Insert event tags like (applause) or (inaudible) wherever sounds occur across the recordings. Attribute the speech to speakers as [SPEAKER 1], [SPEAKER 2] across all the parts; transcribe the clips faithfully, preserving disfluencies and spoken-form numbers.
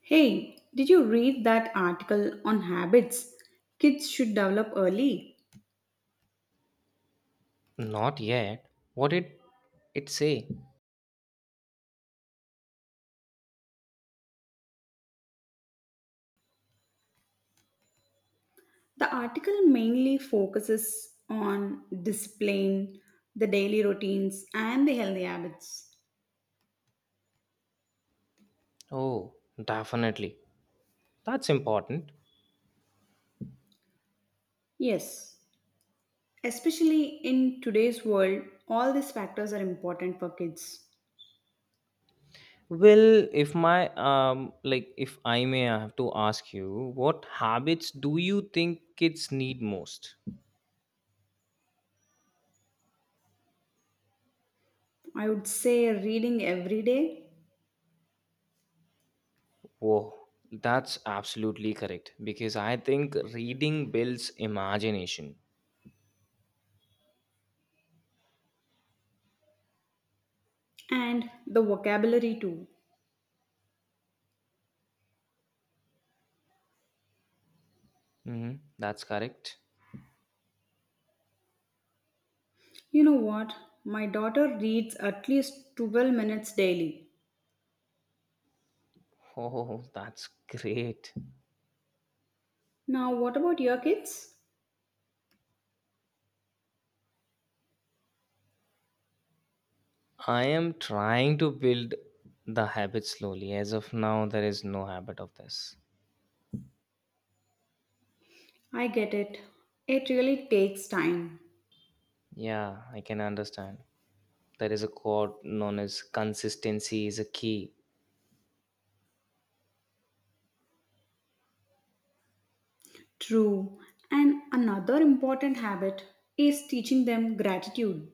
[SPEAKER 1] Hey, did you read that article on habits kids should develop early?
[SPEAKER 2] Not yet. What did it say?
[SPEAKER 1] The article mainly focuses on discipline, the daily routines, and the healthy habits.
[SPEAKER 2] Oh, definitely. That's important.
[SPEAKER 1] Yes, especially in today's world, all these factors are important for kids.
[SPEAKER 2] Well, if my um like if I may have to ask you, what habits do you think kids need most?
[SPEAKER 1] I would say reading every day
[SPEAKER 2] Whoa, that's absolutely correct. Because I think reading builds imagination.
[SPEAKER 1] and the vocabulary too.
[SPEAKER 2] Hmm, that's correct. (laughs)
[SPEAKER 1] You know what? My daughter reads at least twelve minutes daily.
[SPEAKER 2] Oh, that's great.
[SPEAKER 1] Now, what about your kids?
[SPEAKER 2] I am trying to build the habit slowly. As of now, there is no habit of this.
[SPEAKER 1] I get it. It really takes time.
[SPEAKER 2] Yeah, I can understand. There is a quote known as consistency is a key.
[SPEAKER 1] True. And another important habit is teaching them gratitude.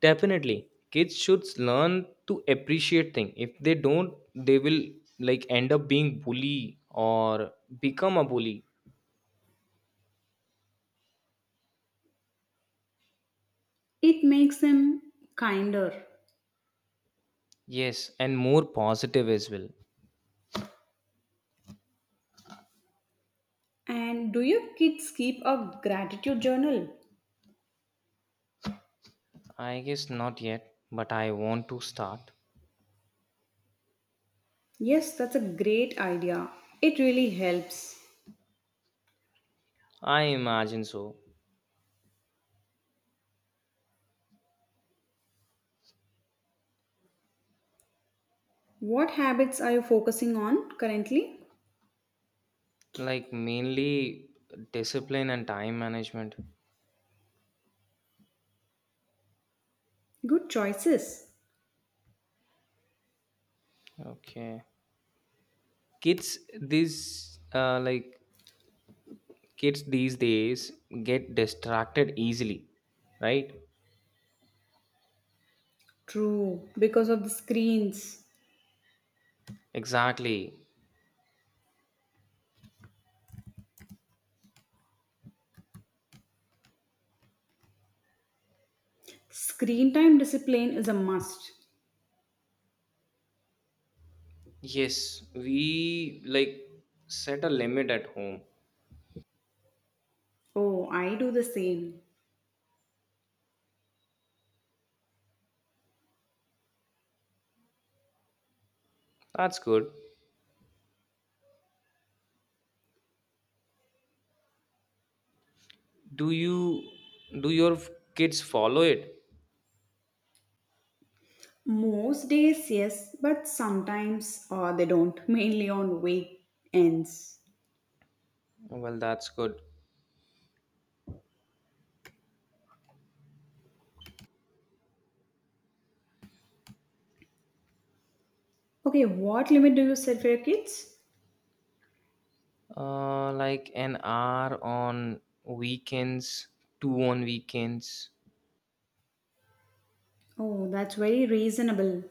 [SPEAKER 2] Definitely. Kids should learn to appreciate things. If they don't, they will like end up being bully or become a bully.
[SPEAKER 1] It makes them kinder.
[SPEAKER 2] Yes, and more positive as well.
[SPEAKER 1] And do your kids keep a gratitude journal?
[SPEAKER 2] I guess not yet, but I want to start.
[SPEAKER 1] Yes, that's a great idea. It really helps.
[SPEAKER 2] I imagine so.
[SPEAKER 1] What habits are you focusing on currently?
[SPEAKER 2] Like mainly discipline and time management.
[SPEAKER 1] Good choices.
[SPEAKER 2] Okay. Kids these uh like kids these days get distracted easily, right?
[SPEAKER 1] True, because of the screens.
[SPEAKER 2] Exactly.
[SPEAKER 1] Screen time discipline is a must.
[SPEAKER 2] Yes, we like set a limit at home.
[SPEAKER 1] Oh, I do the same.
[SPEAKER 2] That's good. Do you, do your f- kids follow it?
[SPEAKER 1] Most days, yes, but sometimes uh, they don't, mainly on weekends.
[SPEAKER 2] Well, that's good.
[SPEAKER 1] Okay, what limit do you set for your kids?
[SPEAKER 2] Uh, like an hour on weekends, two on weekends.
[SPEAKER 1] Oh, that's very reasonable.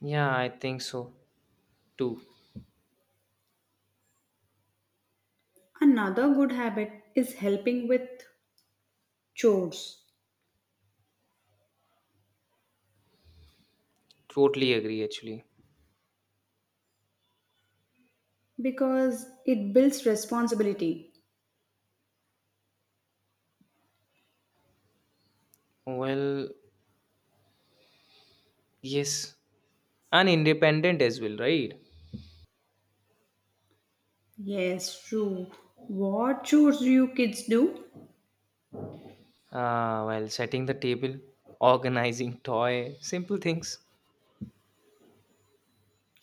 [SPEAKER 2] Yeah, I think so too.
[SPEAKER 1] Another good habit is helping with chores
[SPEAKER 2] Totally agree actually.
[SPEAKER 1] because it builds responsibility.
[SPEAKER 2] Well, yes, and independent as well, right?
[SPEAKER 1] Yes, true. What chores do you kids do?
[SPEAKER 2] Uh, while setting the table, organizing toy, simple things.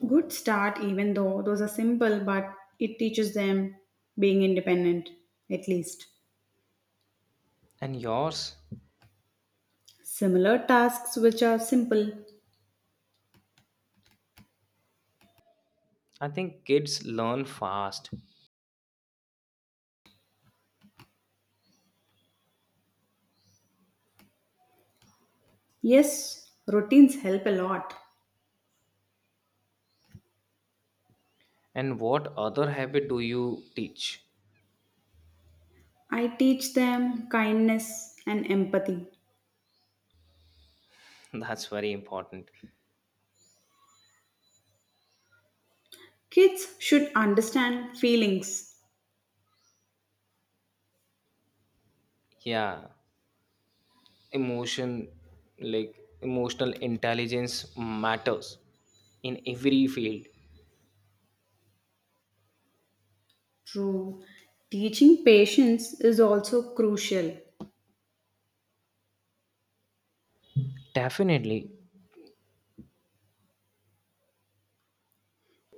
[SPEAKER 1] Good start, even though those are simple, but it teaches them being independent, at least.
[SPEAKER 2] And yours?
[SPEAKER 1] Similar tasks which are simple.
[SPEAKER 2] I think kids learn fast.
[SPEAKER 1] Yes, routines help a lot.
[SPEAKER 2] And what other habit do you teach?
[SPEAKER 1] I teach them kindness and empathy.
[SPEAKER 2] (laughs) That's very important.
[SPEAKER 1] Kids should understand feelings.
[SPEAKER 2] Yeah, emotion, like emotional intelligence matters in every field.
[SPEAKER 1] True. Teaching patience is also crucial.
[SPEAKER 2] Definitely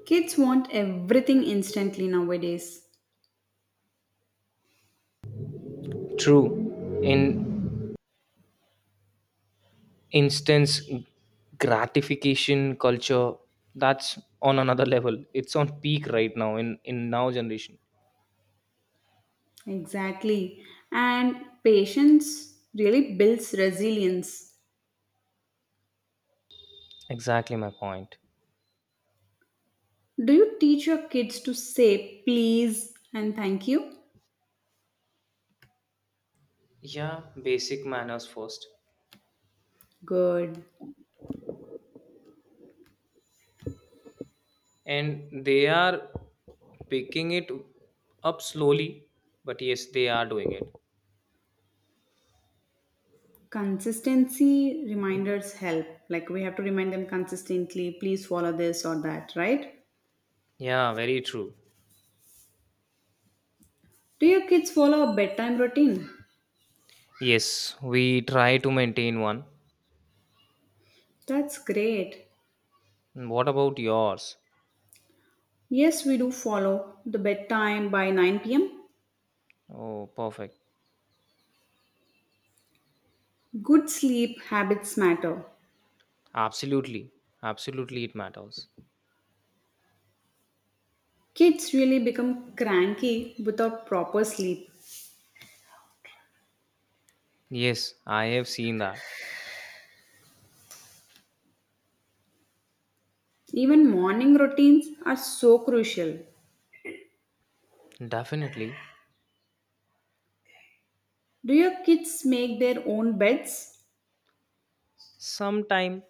[SPEAKER 1] Kids want everything instantly nowadays.
[SPEAKER 2] true. In instance gratification culture, that's on another level. It's on peak right now in in now generation.
[SPEAKER 1] Exactly. And patience really builds resilience.
[SPEAKER 2] Exactly my point.
[SPEAKER 1] Do you teach your kids to say please and thank you?
[SPEAKER 2] Yeah, basic manners first.
[SPEAKER 1] Good.
[SPEAKER 2] And they are picking it up slowly, but yes, they are doing it.
[SPEAKER 1] Consistency reminders help. Like we have to remind them consistently, please follow this or that, right?
[SPEAKER 2] Yeah, very true.
[SPEAKER 1] Do your kids follow a bedtime routine?
[SPEAKER 2] Yes, we try to maintain one.
[SPEAKER 1] That's great.
[SPEAKER 2] And what about yours?
[SPEAKER 1] Yes, we do follow the bedtime by nine p m.
[SPEAKER 2] Oh, perfect.
[SPEAKER 1] Good sleep habits matter.
[SPEAKER 2] Absolutely. Absolutely, it matters.
[SPEAKER 1] Kids really become cranky without proper sleep.
[SPEAKER 2] Yes, I have seen that.
[SPEAKER 1] Even morning routines are so crucial.
[SPEAKER 2] Definitely.
[SPEAKER 1] Do your kids make their own beds?
[SPEAKER 2] Sometime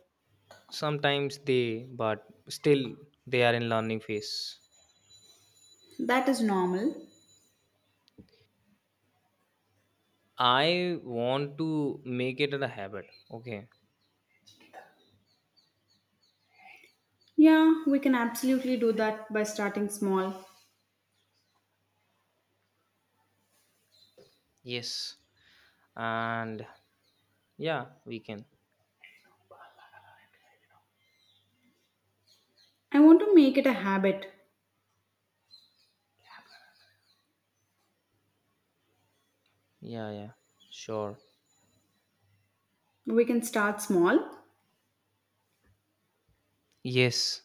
[SPEAKER 2] sometimes they but still they are in learning phase.
[SPEAKER 1] That is normal.
[SPEAKER 2] I want to make it a habit. Okay.
[SPEAKER 1] Yeah, we can absolutely do that by starting small.
[SPEAKER 2] Yes. And yeah, we can.
[SPEAKER 1] I want to make it a habit.
[SPEAKER 2] Yeah, yeah. Sure.
[SPEAKER 1] We can start small.
[SPEAKER 2] Yes.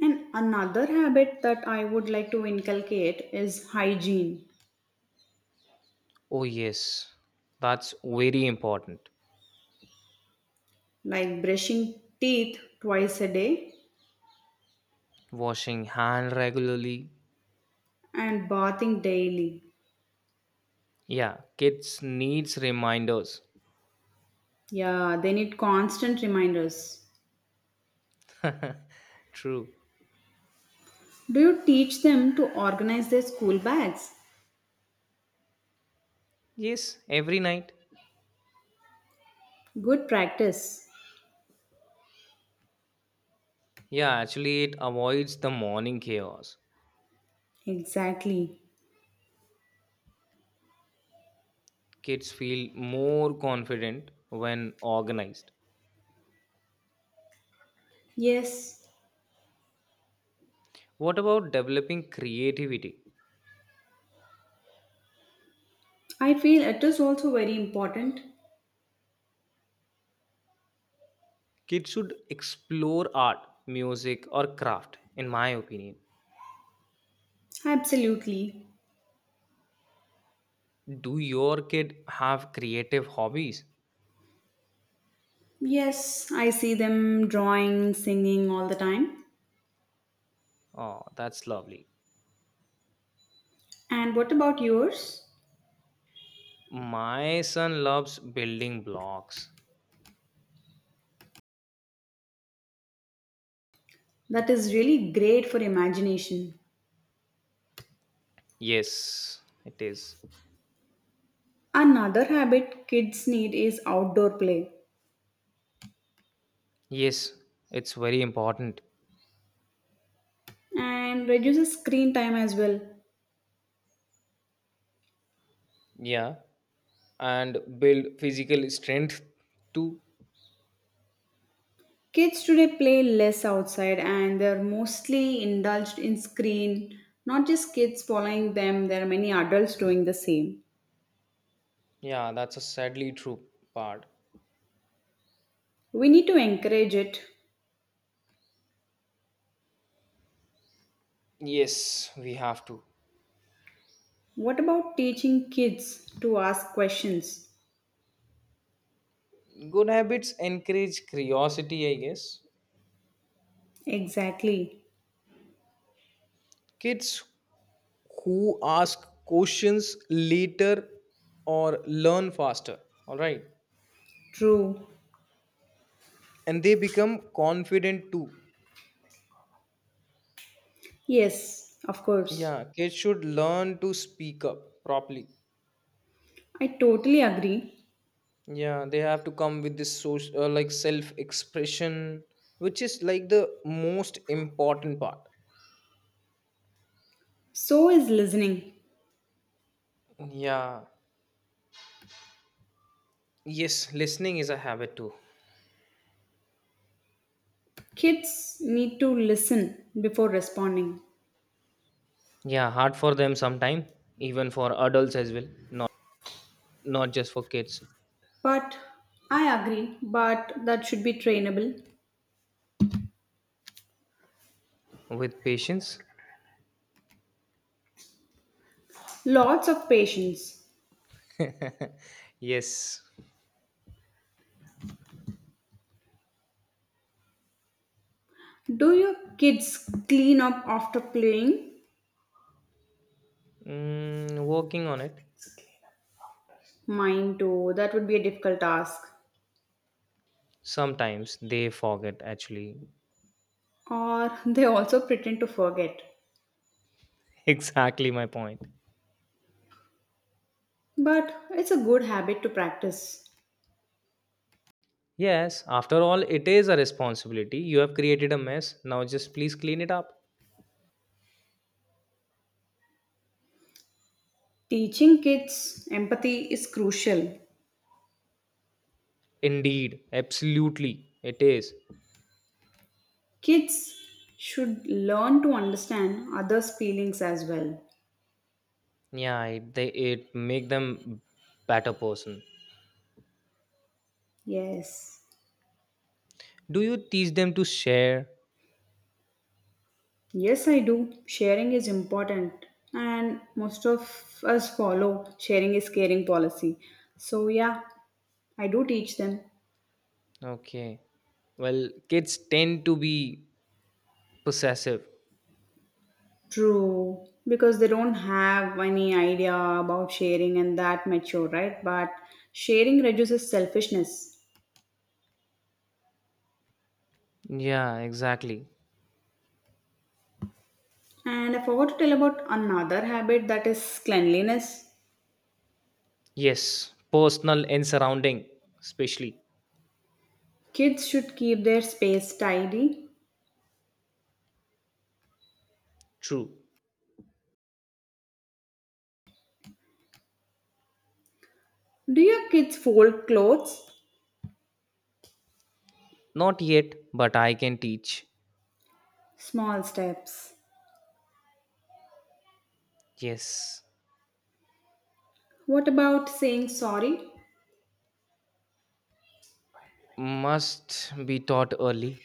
[SPEAKER 1] And another habit that I would like to inculcate is hygiene,
[SPEAKER 2] Oh yes. That's very important.
[SPEAKER 1] like brushing teeth twice a day
[SPEAKER 2] Washing hand regularly.
[SPEAKER 1] and bathing daily.
[SPEAKER 2] Yeah, kids needs reminders.
[SPEAKER 1] Yeah, they need constant reminders.
[SPEAKER 2] (laughs) True.
[SPEAKER 1] Do you teach them to organize their school bags?
[SPEAKER 2] Yes, every night.
[SPEAKER 1] Good practice.
[SPEAKER 2] Yeah, actually it avoids the morning chaos.
[SPEAKER 1] Exactly.
[SPEAKER 2] Kids feel more confident when organized.
[SPEAKER 1] Yes,
[SPEAKER 2] What about developing creativity?
[SPEAKER 1] I feel it is also very important.
[SPEAKER 2] Kids should explore art, music, or craft, in my opinion.
[SPEAKER 1] Absolutely.
[SPEAKER 2] Do your kid have creative hobbies?
[SPEAKER 1] Yes, I see them drawing, singing all the time.
[SPEAKER 2] Oh, that's lovely.
[SPEAKER 1] And what about yours?
[SPEAKER 2] My son loves building blocks.
[SPEAKER 1] That is really great for imagination.
[SPEAKER 2] Yes, it is.
[SPEAKER 1] Another habit kids need is outdoor play
[SPEAKER 2] Yes, it's very important.
[SPEAKER 1] and reduces screen time as well.
[SPEAKER 2] Yeah, and build physical strength too.
[SPEAKER 1] Kids today play less outside and they're mostly indulged in screen. Not just kids following them, there are many adults doing the same.
[SPEAKER 2] Yeah, that's a sadly true part.
[SPEAKER 1] We need to encourage it.
[SPEAKER 2] Yes, we have to.
[SPEAKER 1] What about teaching kids to ask questions?
[SPEAKER 2] Good habits encourage curiosity, I guess.
[SPEAKER 1] Exactly.
[SPEAKER 2] Kids who ask questions later or learn faster, all right?
[SPEAKER 1] True.
[SPEAKER 2] And they become confident too.
[SPEAKER 1] Yes, of course.
[SPEAKER 2] Yeah, kids should learn to speak up properly.
[SPEAKER 1] I totally agree.
[SPEAKER 2] Yeah, they have to come with this social, uh, like self expression, which is like the most important part.
[SPEAKER 1] So is listening.
[SPEAKER 2] Yeah, yes, listening is a habit too.
[SPEAKER 1] Kids need to listen before responding.
[SPEAKER 2] Yeah, hard for them sometime, even for adults as well, not not just for kids.
[SPEAKER 1] But I agree, but that should be trainable.
[SPEAKER 2] With patience,
[SPEAKER 1] Lots of patience.
[SPEAKER 2] (laughs) yes,
[SPEAKER 1] Do your kids clean up after playing?
[SPEAKER 2] mm, working on it.
[SPEAKER 1] Mine too, that would be a difficult task.
[SPEAKER 2] Sometimes they forget. Actually,
[SPEAKER 1] Or (laughs) they also pretend to forget.
[SPEAKER 2] (laughs) exactly my point.
[SPEAKER 1] But it's a good habit to practice.
[SPEAKER 2] Yes, after all, it is a responsibility. You have created a mess. Now, just please clean it up.
[SPEAKER 1] Teaching kids empathy is crucial.
[SPEAKER 2] Indeed, absolutely, it is.
[SPEAKER 1] Kids should learn to understand others' feelings as well.
[SPEAKER 2] Yeah, it, they it make them better person.
[SPEAKER 1] Yes.
[SPEAKER 2] Do you teach them to share?
[SPEAKER 1] Yes, I do. Sharing is important, and most of us follow sharing is caring policy. So, yeah, I do teach them.
[SPEAKER 2] Okay. Well, kids tend to be possessive.
[SPEAKER 1] True, because they don't have any idea about sharing and that mature, right? But sharing reduces selfishness.
[SPEAKER 2] Yeah, exactly.
[SPEAKER 1] And I forgot to tell about another habit that is cleanliness.
[SPEAKER 2] Yes, personal and surrounding, especially.
[SPEAKER 1] Kids should keep their space tidy.
[SPEAKER 2] True.
[SPEAKER 1] Do your kids fold clothes?
[SPEAKER 2] Not yet, but I can teach.
[SPEAKER 1] Small steps.
[SPEAKER 2] Yes.
[SPEAKER 1] What about saying sorry?
[SPEAKER 2] Must be taught early.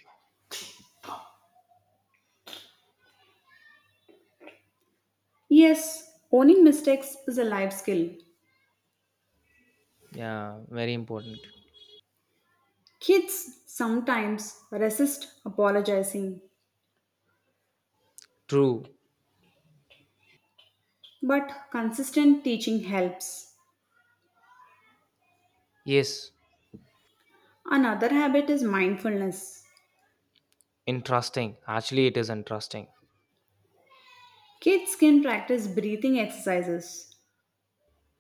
[SPEAKER 1] Yes, owning mistakes is a life skill.
[SPEAKER 2] Yeah, very important.
[SPEAKER 1] Kids sometimes resist apologizing,
[SPEAKER 2] True.
[SPEAKER 1] but consistent teaching helps.
[SPEAKER 2] Yes.
[SPEAKER 1] Another habit is mindfulness.
[SPEAKER 2] Interesting. Actually, it is interesting.
[SPEAKER 1] Kids can practice breathing exercises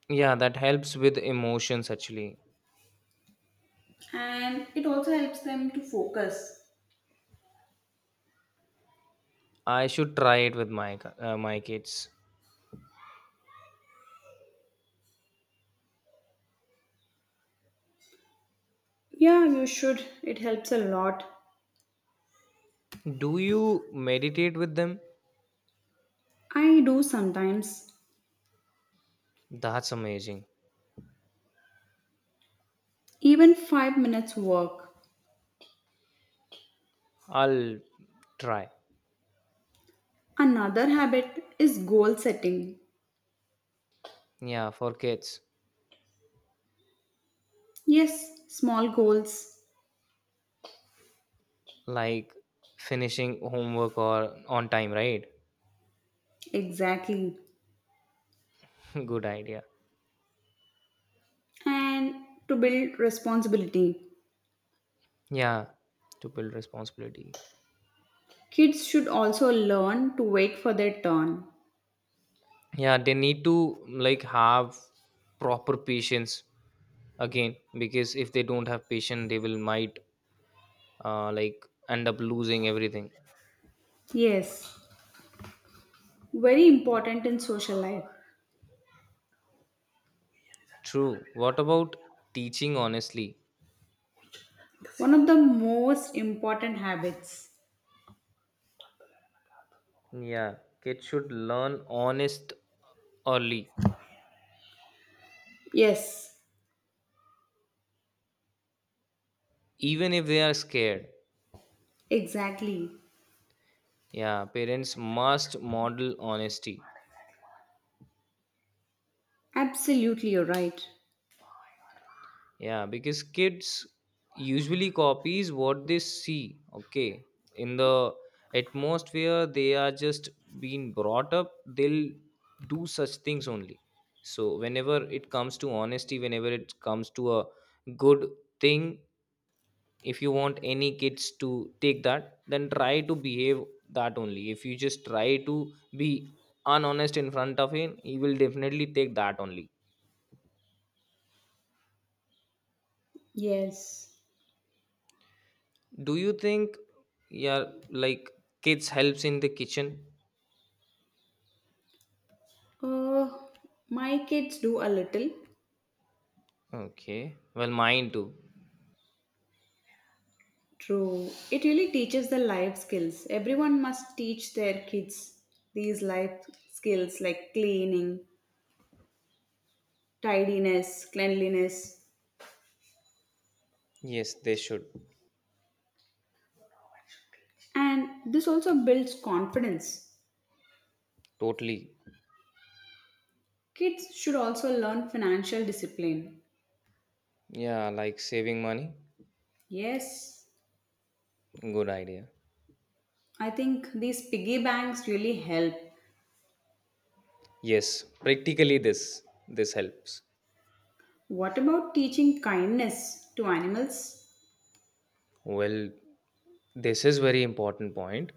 [SPEAKER 2] Yeah, that helps with emotions actually.
[SPEAKER 1] and it also helps them to focus.
[SPEAKER 2] I should try it with my ki- uh, my kids.
[SPEAKER 1] Yeah, you should. It helps a lot.
[SPEAKER 2] Do you meditate with them?
[SPEAKER 1] I do sometimes,
[SPEAKER 2] That's amazing.
[SPEAKER 1] even five minutes work.
[SPEAKER 2] I'll try.
[SPEAKER 1] Another habit is goal setting.
[SPEAKER 2] Yeah, for kids,
[SPEAKER 1] Yes, small goals.
[SPEAKER 2] like finishing homework or on time, right?
[SPEAKER 1] Exactly.
[SPEAKER 2] (laughs) Good idea.
[SPEAKER 1] And to build responsibility.
[SPEAKER 2] Yeah, to build responsibility.
[SPEAKER 1] Kids should also learn to wait for their turn.
[SPEAKER 2] Yeah, they need to like have proper patience again because if they don't have patience, they will might uh, like end up losing everything.
[SPEAKER 1] Yes, very important in social life.
[SPEAKER 2] True. What about teaching honestly?
[SPEAKER 1] One of the most important habits.
[SPEAKER 2] Yeah, kids should learn honest early,
[SPEAKER 1] Yes,
[SPEAKER 2] even if they are scared.
[SPEAKER 1] exactly.
[SPEAKER 2] Yeah, parents must model honesty.
[SPEAKER 1] Absolutely, you're right.
[SPEAKER 2] Yeah, because kids usually copies what they see. Okay, in the atmosphere they are just being brought up, they'll do such things only. So whenever it comes to honesty, whenever it comes to a good thing, if you want any kids to take that, then try to behave that only. If you just try to be unhonest in front of him, he will definitely take that only.
[SPEAKER 1] Yes.
[SPEAKER 2] Do you think, yeah, like kids helps in the kitchen?
[SPEAKER 1] Uh, my kids do a little.
[SPEAKER 2] Okay. Well, mine too.
[SPEAKER 1] True. It really teaches the life skills. Everyone must teach their kids these life skills like cleaning, tidiness, cleanliness.
[SPEAKER 2] Yes, they should.
[SPEAKER 1] And this also builds confidence.
[SPEAKER 2] Totally.
[SPEAKER 1] Kids should also learn financial discipline.
[SPEAKER 2] Yeah, like saving money.
[SPEAKER 1] Yes,
[SPEAKER 2] Good idea.
[SPEAKER 1] I think these piggy banks really help.
[SPEAKER 2] Yes, practically this this helps.
[SPEAKER 1] What about teaching kindness to animals?
[SPEAKER 2] Well, this is very important point.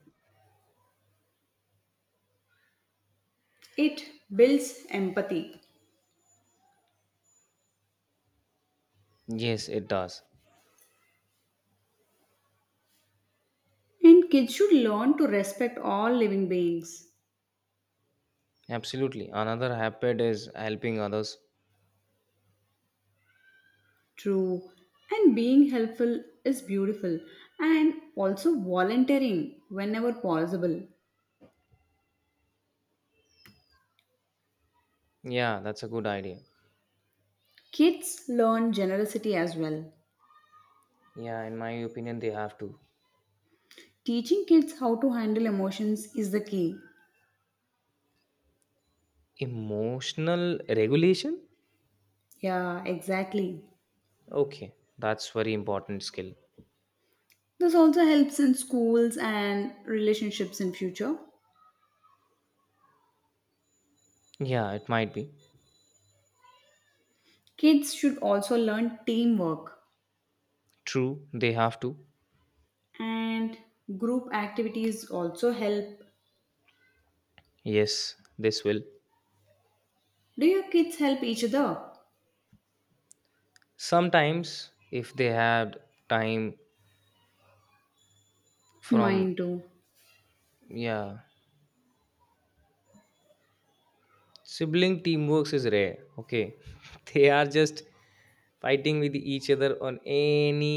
[SPEAKER 1] It builds empathy.
[SPEAKER 2] Yes, it does.
[SPEAKER 1] And kids should learn to respect all living beings.
[SPEAKER 2] Absolutely. Another habit is helping others.
[SPEAKER 1] True. And being helpful is beautiful. And also volunteering whenever possible.
[SPEAKER 2] Yeah, that's a good idea.
[SPEAKER 1] Kids learn generosity as well.
[SPEAKER 2] Yeah, in my opinion, they have to.
[SPEAKER 1] Teaching kids how to handle emotions is the key.
[SPEAKER 2] Emotional regulation?
[SPEAKER 1] Yeah, exactly.
[SPEAKER 2] Okay, that's very important skill.
[SPEAKER 1] This also helps in schools and relationships in future.
[SPEAKER 2] Yeah, it might be.
[SPEAKER 1] Kids should also learn teamwork
[SPEAKER 2] True, they have to.
[SPEAKER 1] and group activities also help.
[SPEAKER 2] Yes, this will.
[SPEAKER 1] Do your kids help each other?
[SPEAKER 2] Sometimes, if they had time from,
[SPEAKER 1] Mine too.
[SPEAKER 2] yeah, sibling teamwork is rare. Okay. (laughs) They are just fighting with each other on any,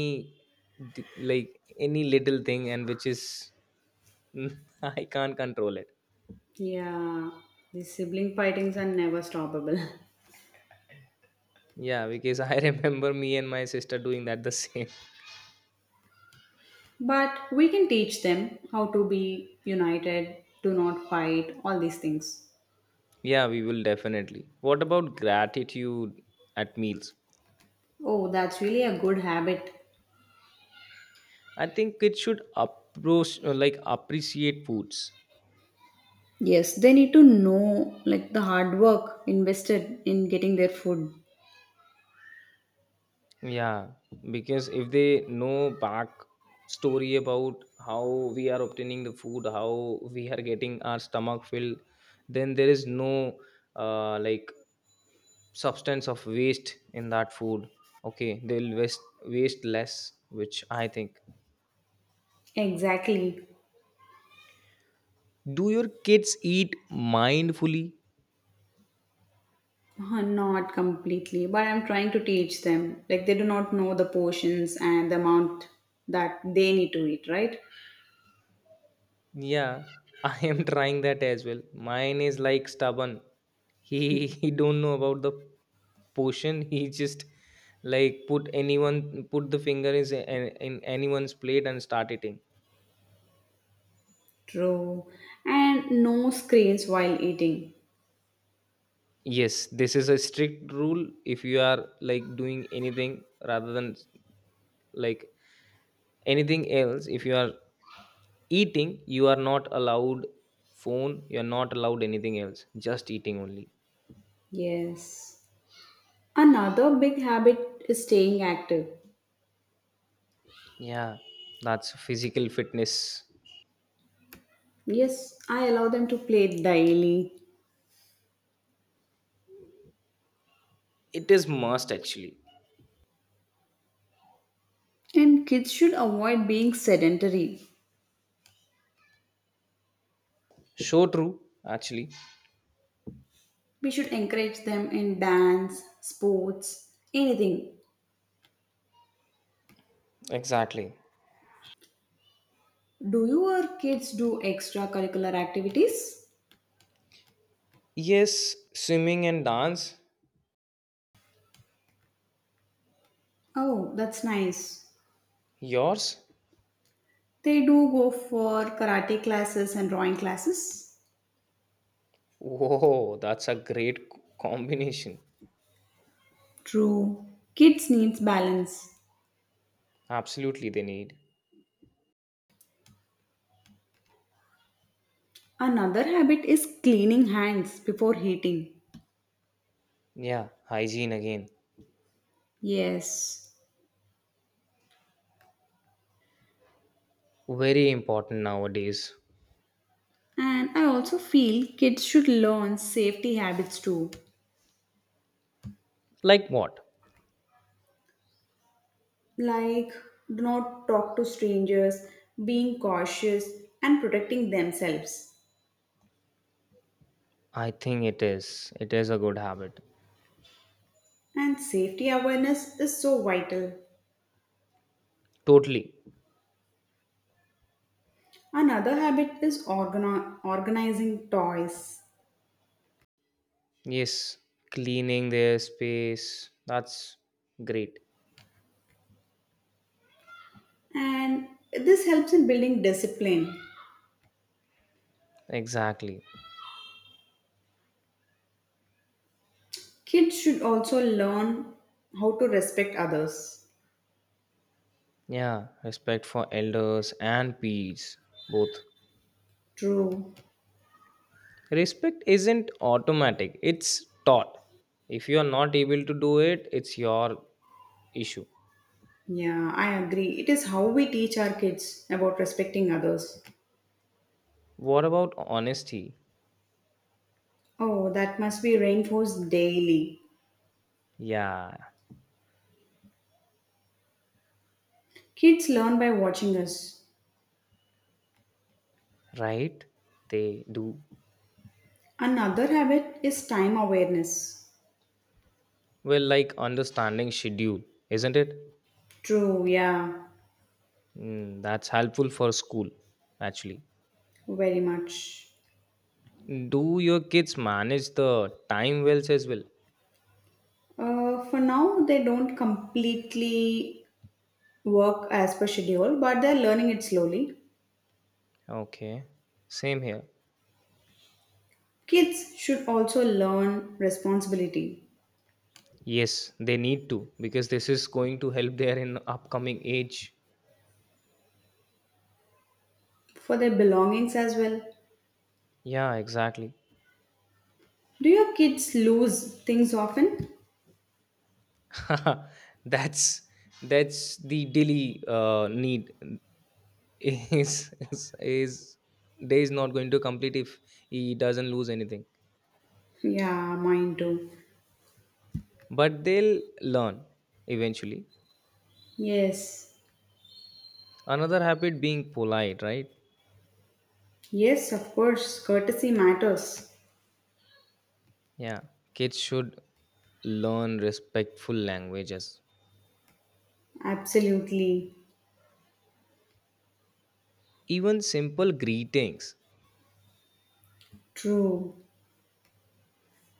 [SPEAKER 2] d- like, any little thing, and which is, (laughs) I can't control it.
[SPEAKER 1] Yeah, these sibling fightings are never stoppable. (laughs)
[SPEAKER 2] Yeah, because I (laughs) remember me and my sister doing that the (laughs) same.
[SPEAKER 1] But we can teach them how to be united, do not fight, all these things.
[SPEAKER 2] Yeah, we will definitely. What about gratitude at meals?
[SPEAKER 1] Oh, that's really a good habit.
[SPEAKER 2] I think it should approach uh, like appreciate foods.
[SPEAKER 1] Yes, they need to know like the hard work invested in getting their food.
[SPEAKER 2] Yeah, because if they know back story about how we are obtaining the food, how we are getting our stomach filled, then there is no uh, like substance of waste in that food. Okay, they'll waste waste less, which I think.
[SPEAKER 1] Exactly.
[SPEAKER 2] Do your kids eat mindfully?
[SPEAKER 1] Uh, Not completely, but I'm trying to teach them. Like they do not know the portions and the amount that they need to eat, right?
[SPEAKER 2] Yeah, I am (laughs) trying that as well. Mine is like stubborn. He (laughs) he don't know about the potion. He just like put anyone put the finger is in, in anyone's plate and start eating.
[SPEAKER 1] True. And no screens while eating.
[SPEAKER 2] Yes, this is a strict rule. If you are like doing anything rather than like anything else, if you are eating, you are not allowed phone. You are not allowed anything else. Just eating only.
[SPEAKER 1] Yes. Another big habit is staying active.
[SPEAKER 2] Yeah, that's physical fitness.
[SPEAKER 1] Yes, I allow them to play daily.
[SPEAKER 2] It is must actually.
[SPEAKER 1] And kids should avoid being sedentary.
[SPEAKER 2] So true, actually.
[SPEAKER 1] We should encourage them in dance, sports, anything.
[SPEAKER 2] Exactly.
[SPEAKER 1] Do your kids do extracurricular activities?
[SPEAKER 2] Yes, swimming and dance.
[SPEAKER 1] Oh, that's nice.
[SPEAKER 2] Yours?
[SPEAKER 1] They do go for karate classes and drawing classes.
[SPEAKER 2] Whoa, that's a great co- combination.
[SPEAKER 1] True. Kids needs balance.
[SPEAKER 2] Absolutely, they need.
[SPEAKER 1] Another habit is cleaning hands before eating.
[SPEAKER 2] Yeah, hygiene again.
[SPEAKER 1] Yes.
[SPEAKER 2] Very important nowadays.
[SPEAKER 1] And I also feel kids should learn safety habits too.
[SPEAKER 2] Like what?
[SPEAKER 1] Like do not talk to strangers, being cautious, and protecting themselves.
[SPEAKER 2] I think it is. It is a good habit.
[SPEAKER 1] And safety awareness is so vital.
[SPEAKER 2] Totally.
[SPEAKER 1] Another habit is organi- organizing toys,
[SPEAKER 2] Yes, cleaning their space. That's great.
[SPEAKER 1] and this helps in building discipline.
[SPEAKER 2] Exactly.
[SPEAKER 1] Kids should also learn how to respect others.
[SPEAKER 2] Yeah, respect for elders and peers. Both.
[SPEAKER 1] True.
[SPEAKER 2] Respect isn't automatic, it's taught. If you are not able to do it, it's your issue.
[SPEAKER 1] Yeah, I agree. It is how we teach our kids about respecting others.
[SPEAKER 2] What about honesty?
[SPEAKER 1] Oh, that must be reinforced daily.
[SPEAKER 2] Yeah,
[SPEAKER 1] Kids learn by watching us.
[SPEAKER 2] right? They do.
[SPEAKER 1] Another habit is time awareness.
[SPEAKER 2] Well, like understanding schedule, isn't it?
[SPEAKER 1] True, yeah,
[SPEAKER 2] Mm, that's helpful for school, actually.
[SPEAKER 1] very much.
[SPEAKER 2] Do your kids manage the time wells as well?
[SPEAKER 1] Uh, for now, they don't completely work as per schedule, but they're learning it slowly.
[SPEAKER 2] Okay, same here.
[SPEAKER 1] Kids should also learn responsibility
[SPEAKER 2] Yes, they need to because this is going to help their in upcoming age.
[SPEAKER 1] for their belongings as well.
[SPEAKER 2] Yeah, exactly.
[SPEAKER 1] Do your kids lose things often?
[SPEAKER 2] (laughs) that's that's the daily uh, need. (laughs) is is is day is not going to complete if he doesn't lose anything,
[SPEAKER 1] Yeah, mine too.
[SPEAKER 2] but they'll learn eventually.
[SPEAKER 1] Yes,
[SPEAKER 2] Another habit being polite, right?
[SPEAKER 1] yes, of course, courtesy matters.
[SPEAKER 2] Yeah, kids should learn respectful languages,
[SPEAKER 1] Absolutely
[SPEAKER 2] even simple greetings.
[SPEAKER 1] true.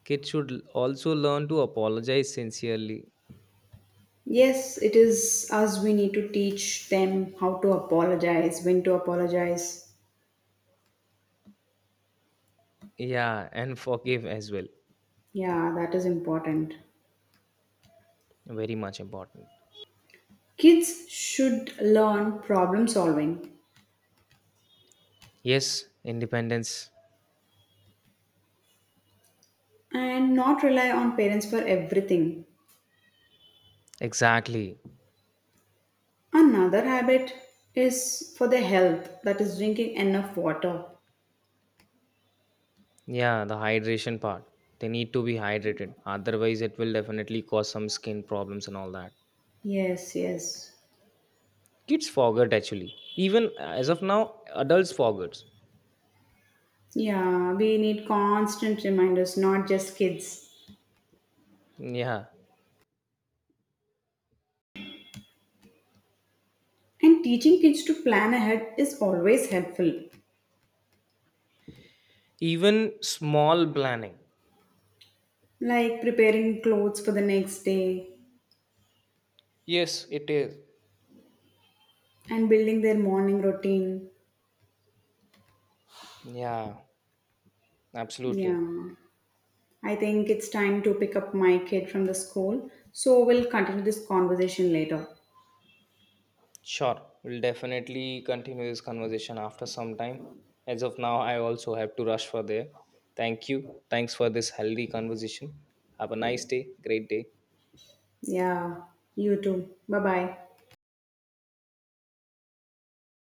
[SPEAKER 2] kids should l- also learn to apologize sincerely.
[SPEAKER 1] Yes, it is us. We need to teach them how to apologize, when to apologize.
[SPEAKER 2] Yeah, and forgive as well.
[SPEAKER 1] Yeah, that is important.
[SPEAKER 2] Very much important.
[SPEAKER 1] Kids should learn problem solving
[SPEAKER 2] Yes, independence.
[SPEAKER 1] and not rely on parents for everything.
[SPEAKER 2] Exactly.
[SPEAKER 1] Another habit is for their health, that is, drinking enough water.
[SPEAKER 2] Yeah, the hydration part. They need to be hydrated. Otherwise, it will definitely cause some skin problems and all that.
[SPEAKER 1] Yes, yes.
[SPEAKER 2] Kids forget actually. Even uh, as of now, adults forgets.
[SPEAKER 1] Yeah, we need constant reminders, not just kids.
[SPEAKER 2] Yeah.
[SPEAKER 1] And teaching kids to plan ahead is always helpful,
[SPEAKER 2] Even small planning.
[SPEAKER 1] like preparing clothes for the next day
[SPEAKER 2] Yes, it is.
[SPEAKER 1] and building their morning routine.
[SPEAKER 2] Yeah, absolutely.
[SPEAKER 1] Yeah, I think it's time to pick up my kid from the school. So we'll continue this conversation later.
[SPEAKER 2] Sure. We'll definitely continue this conversation after some time. As of now, I also have to rush for there. Thank you. Thanks for this healthy conversation. Have a nice day. Great day.
[SPEAKER 1] Yeah, you too. Bye bye.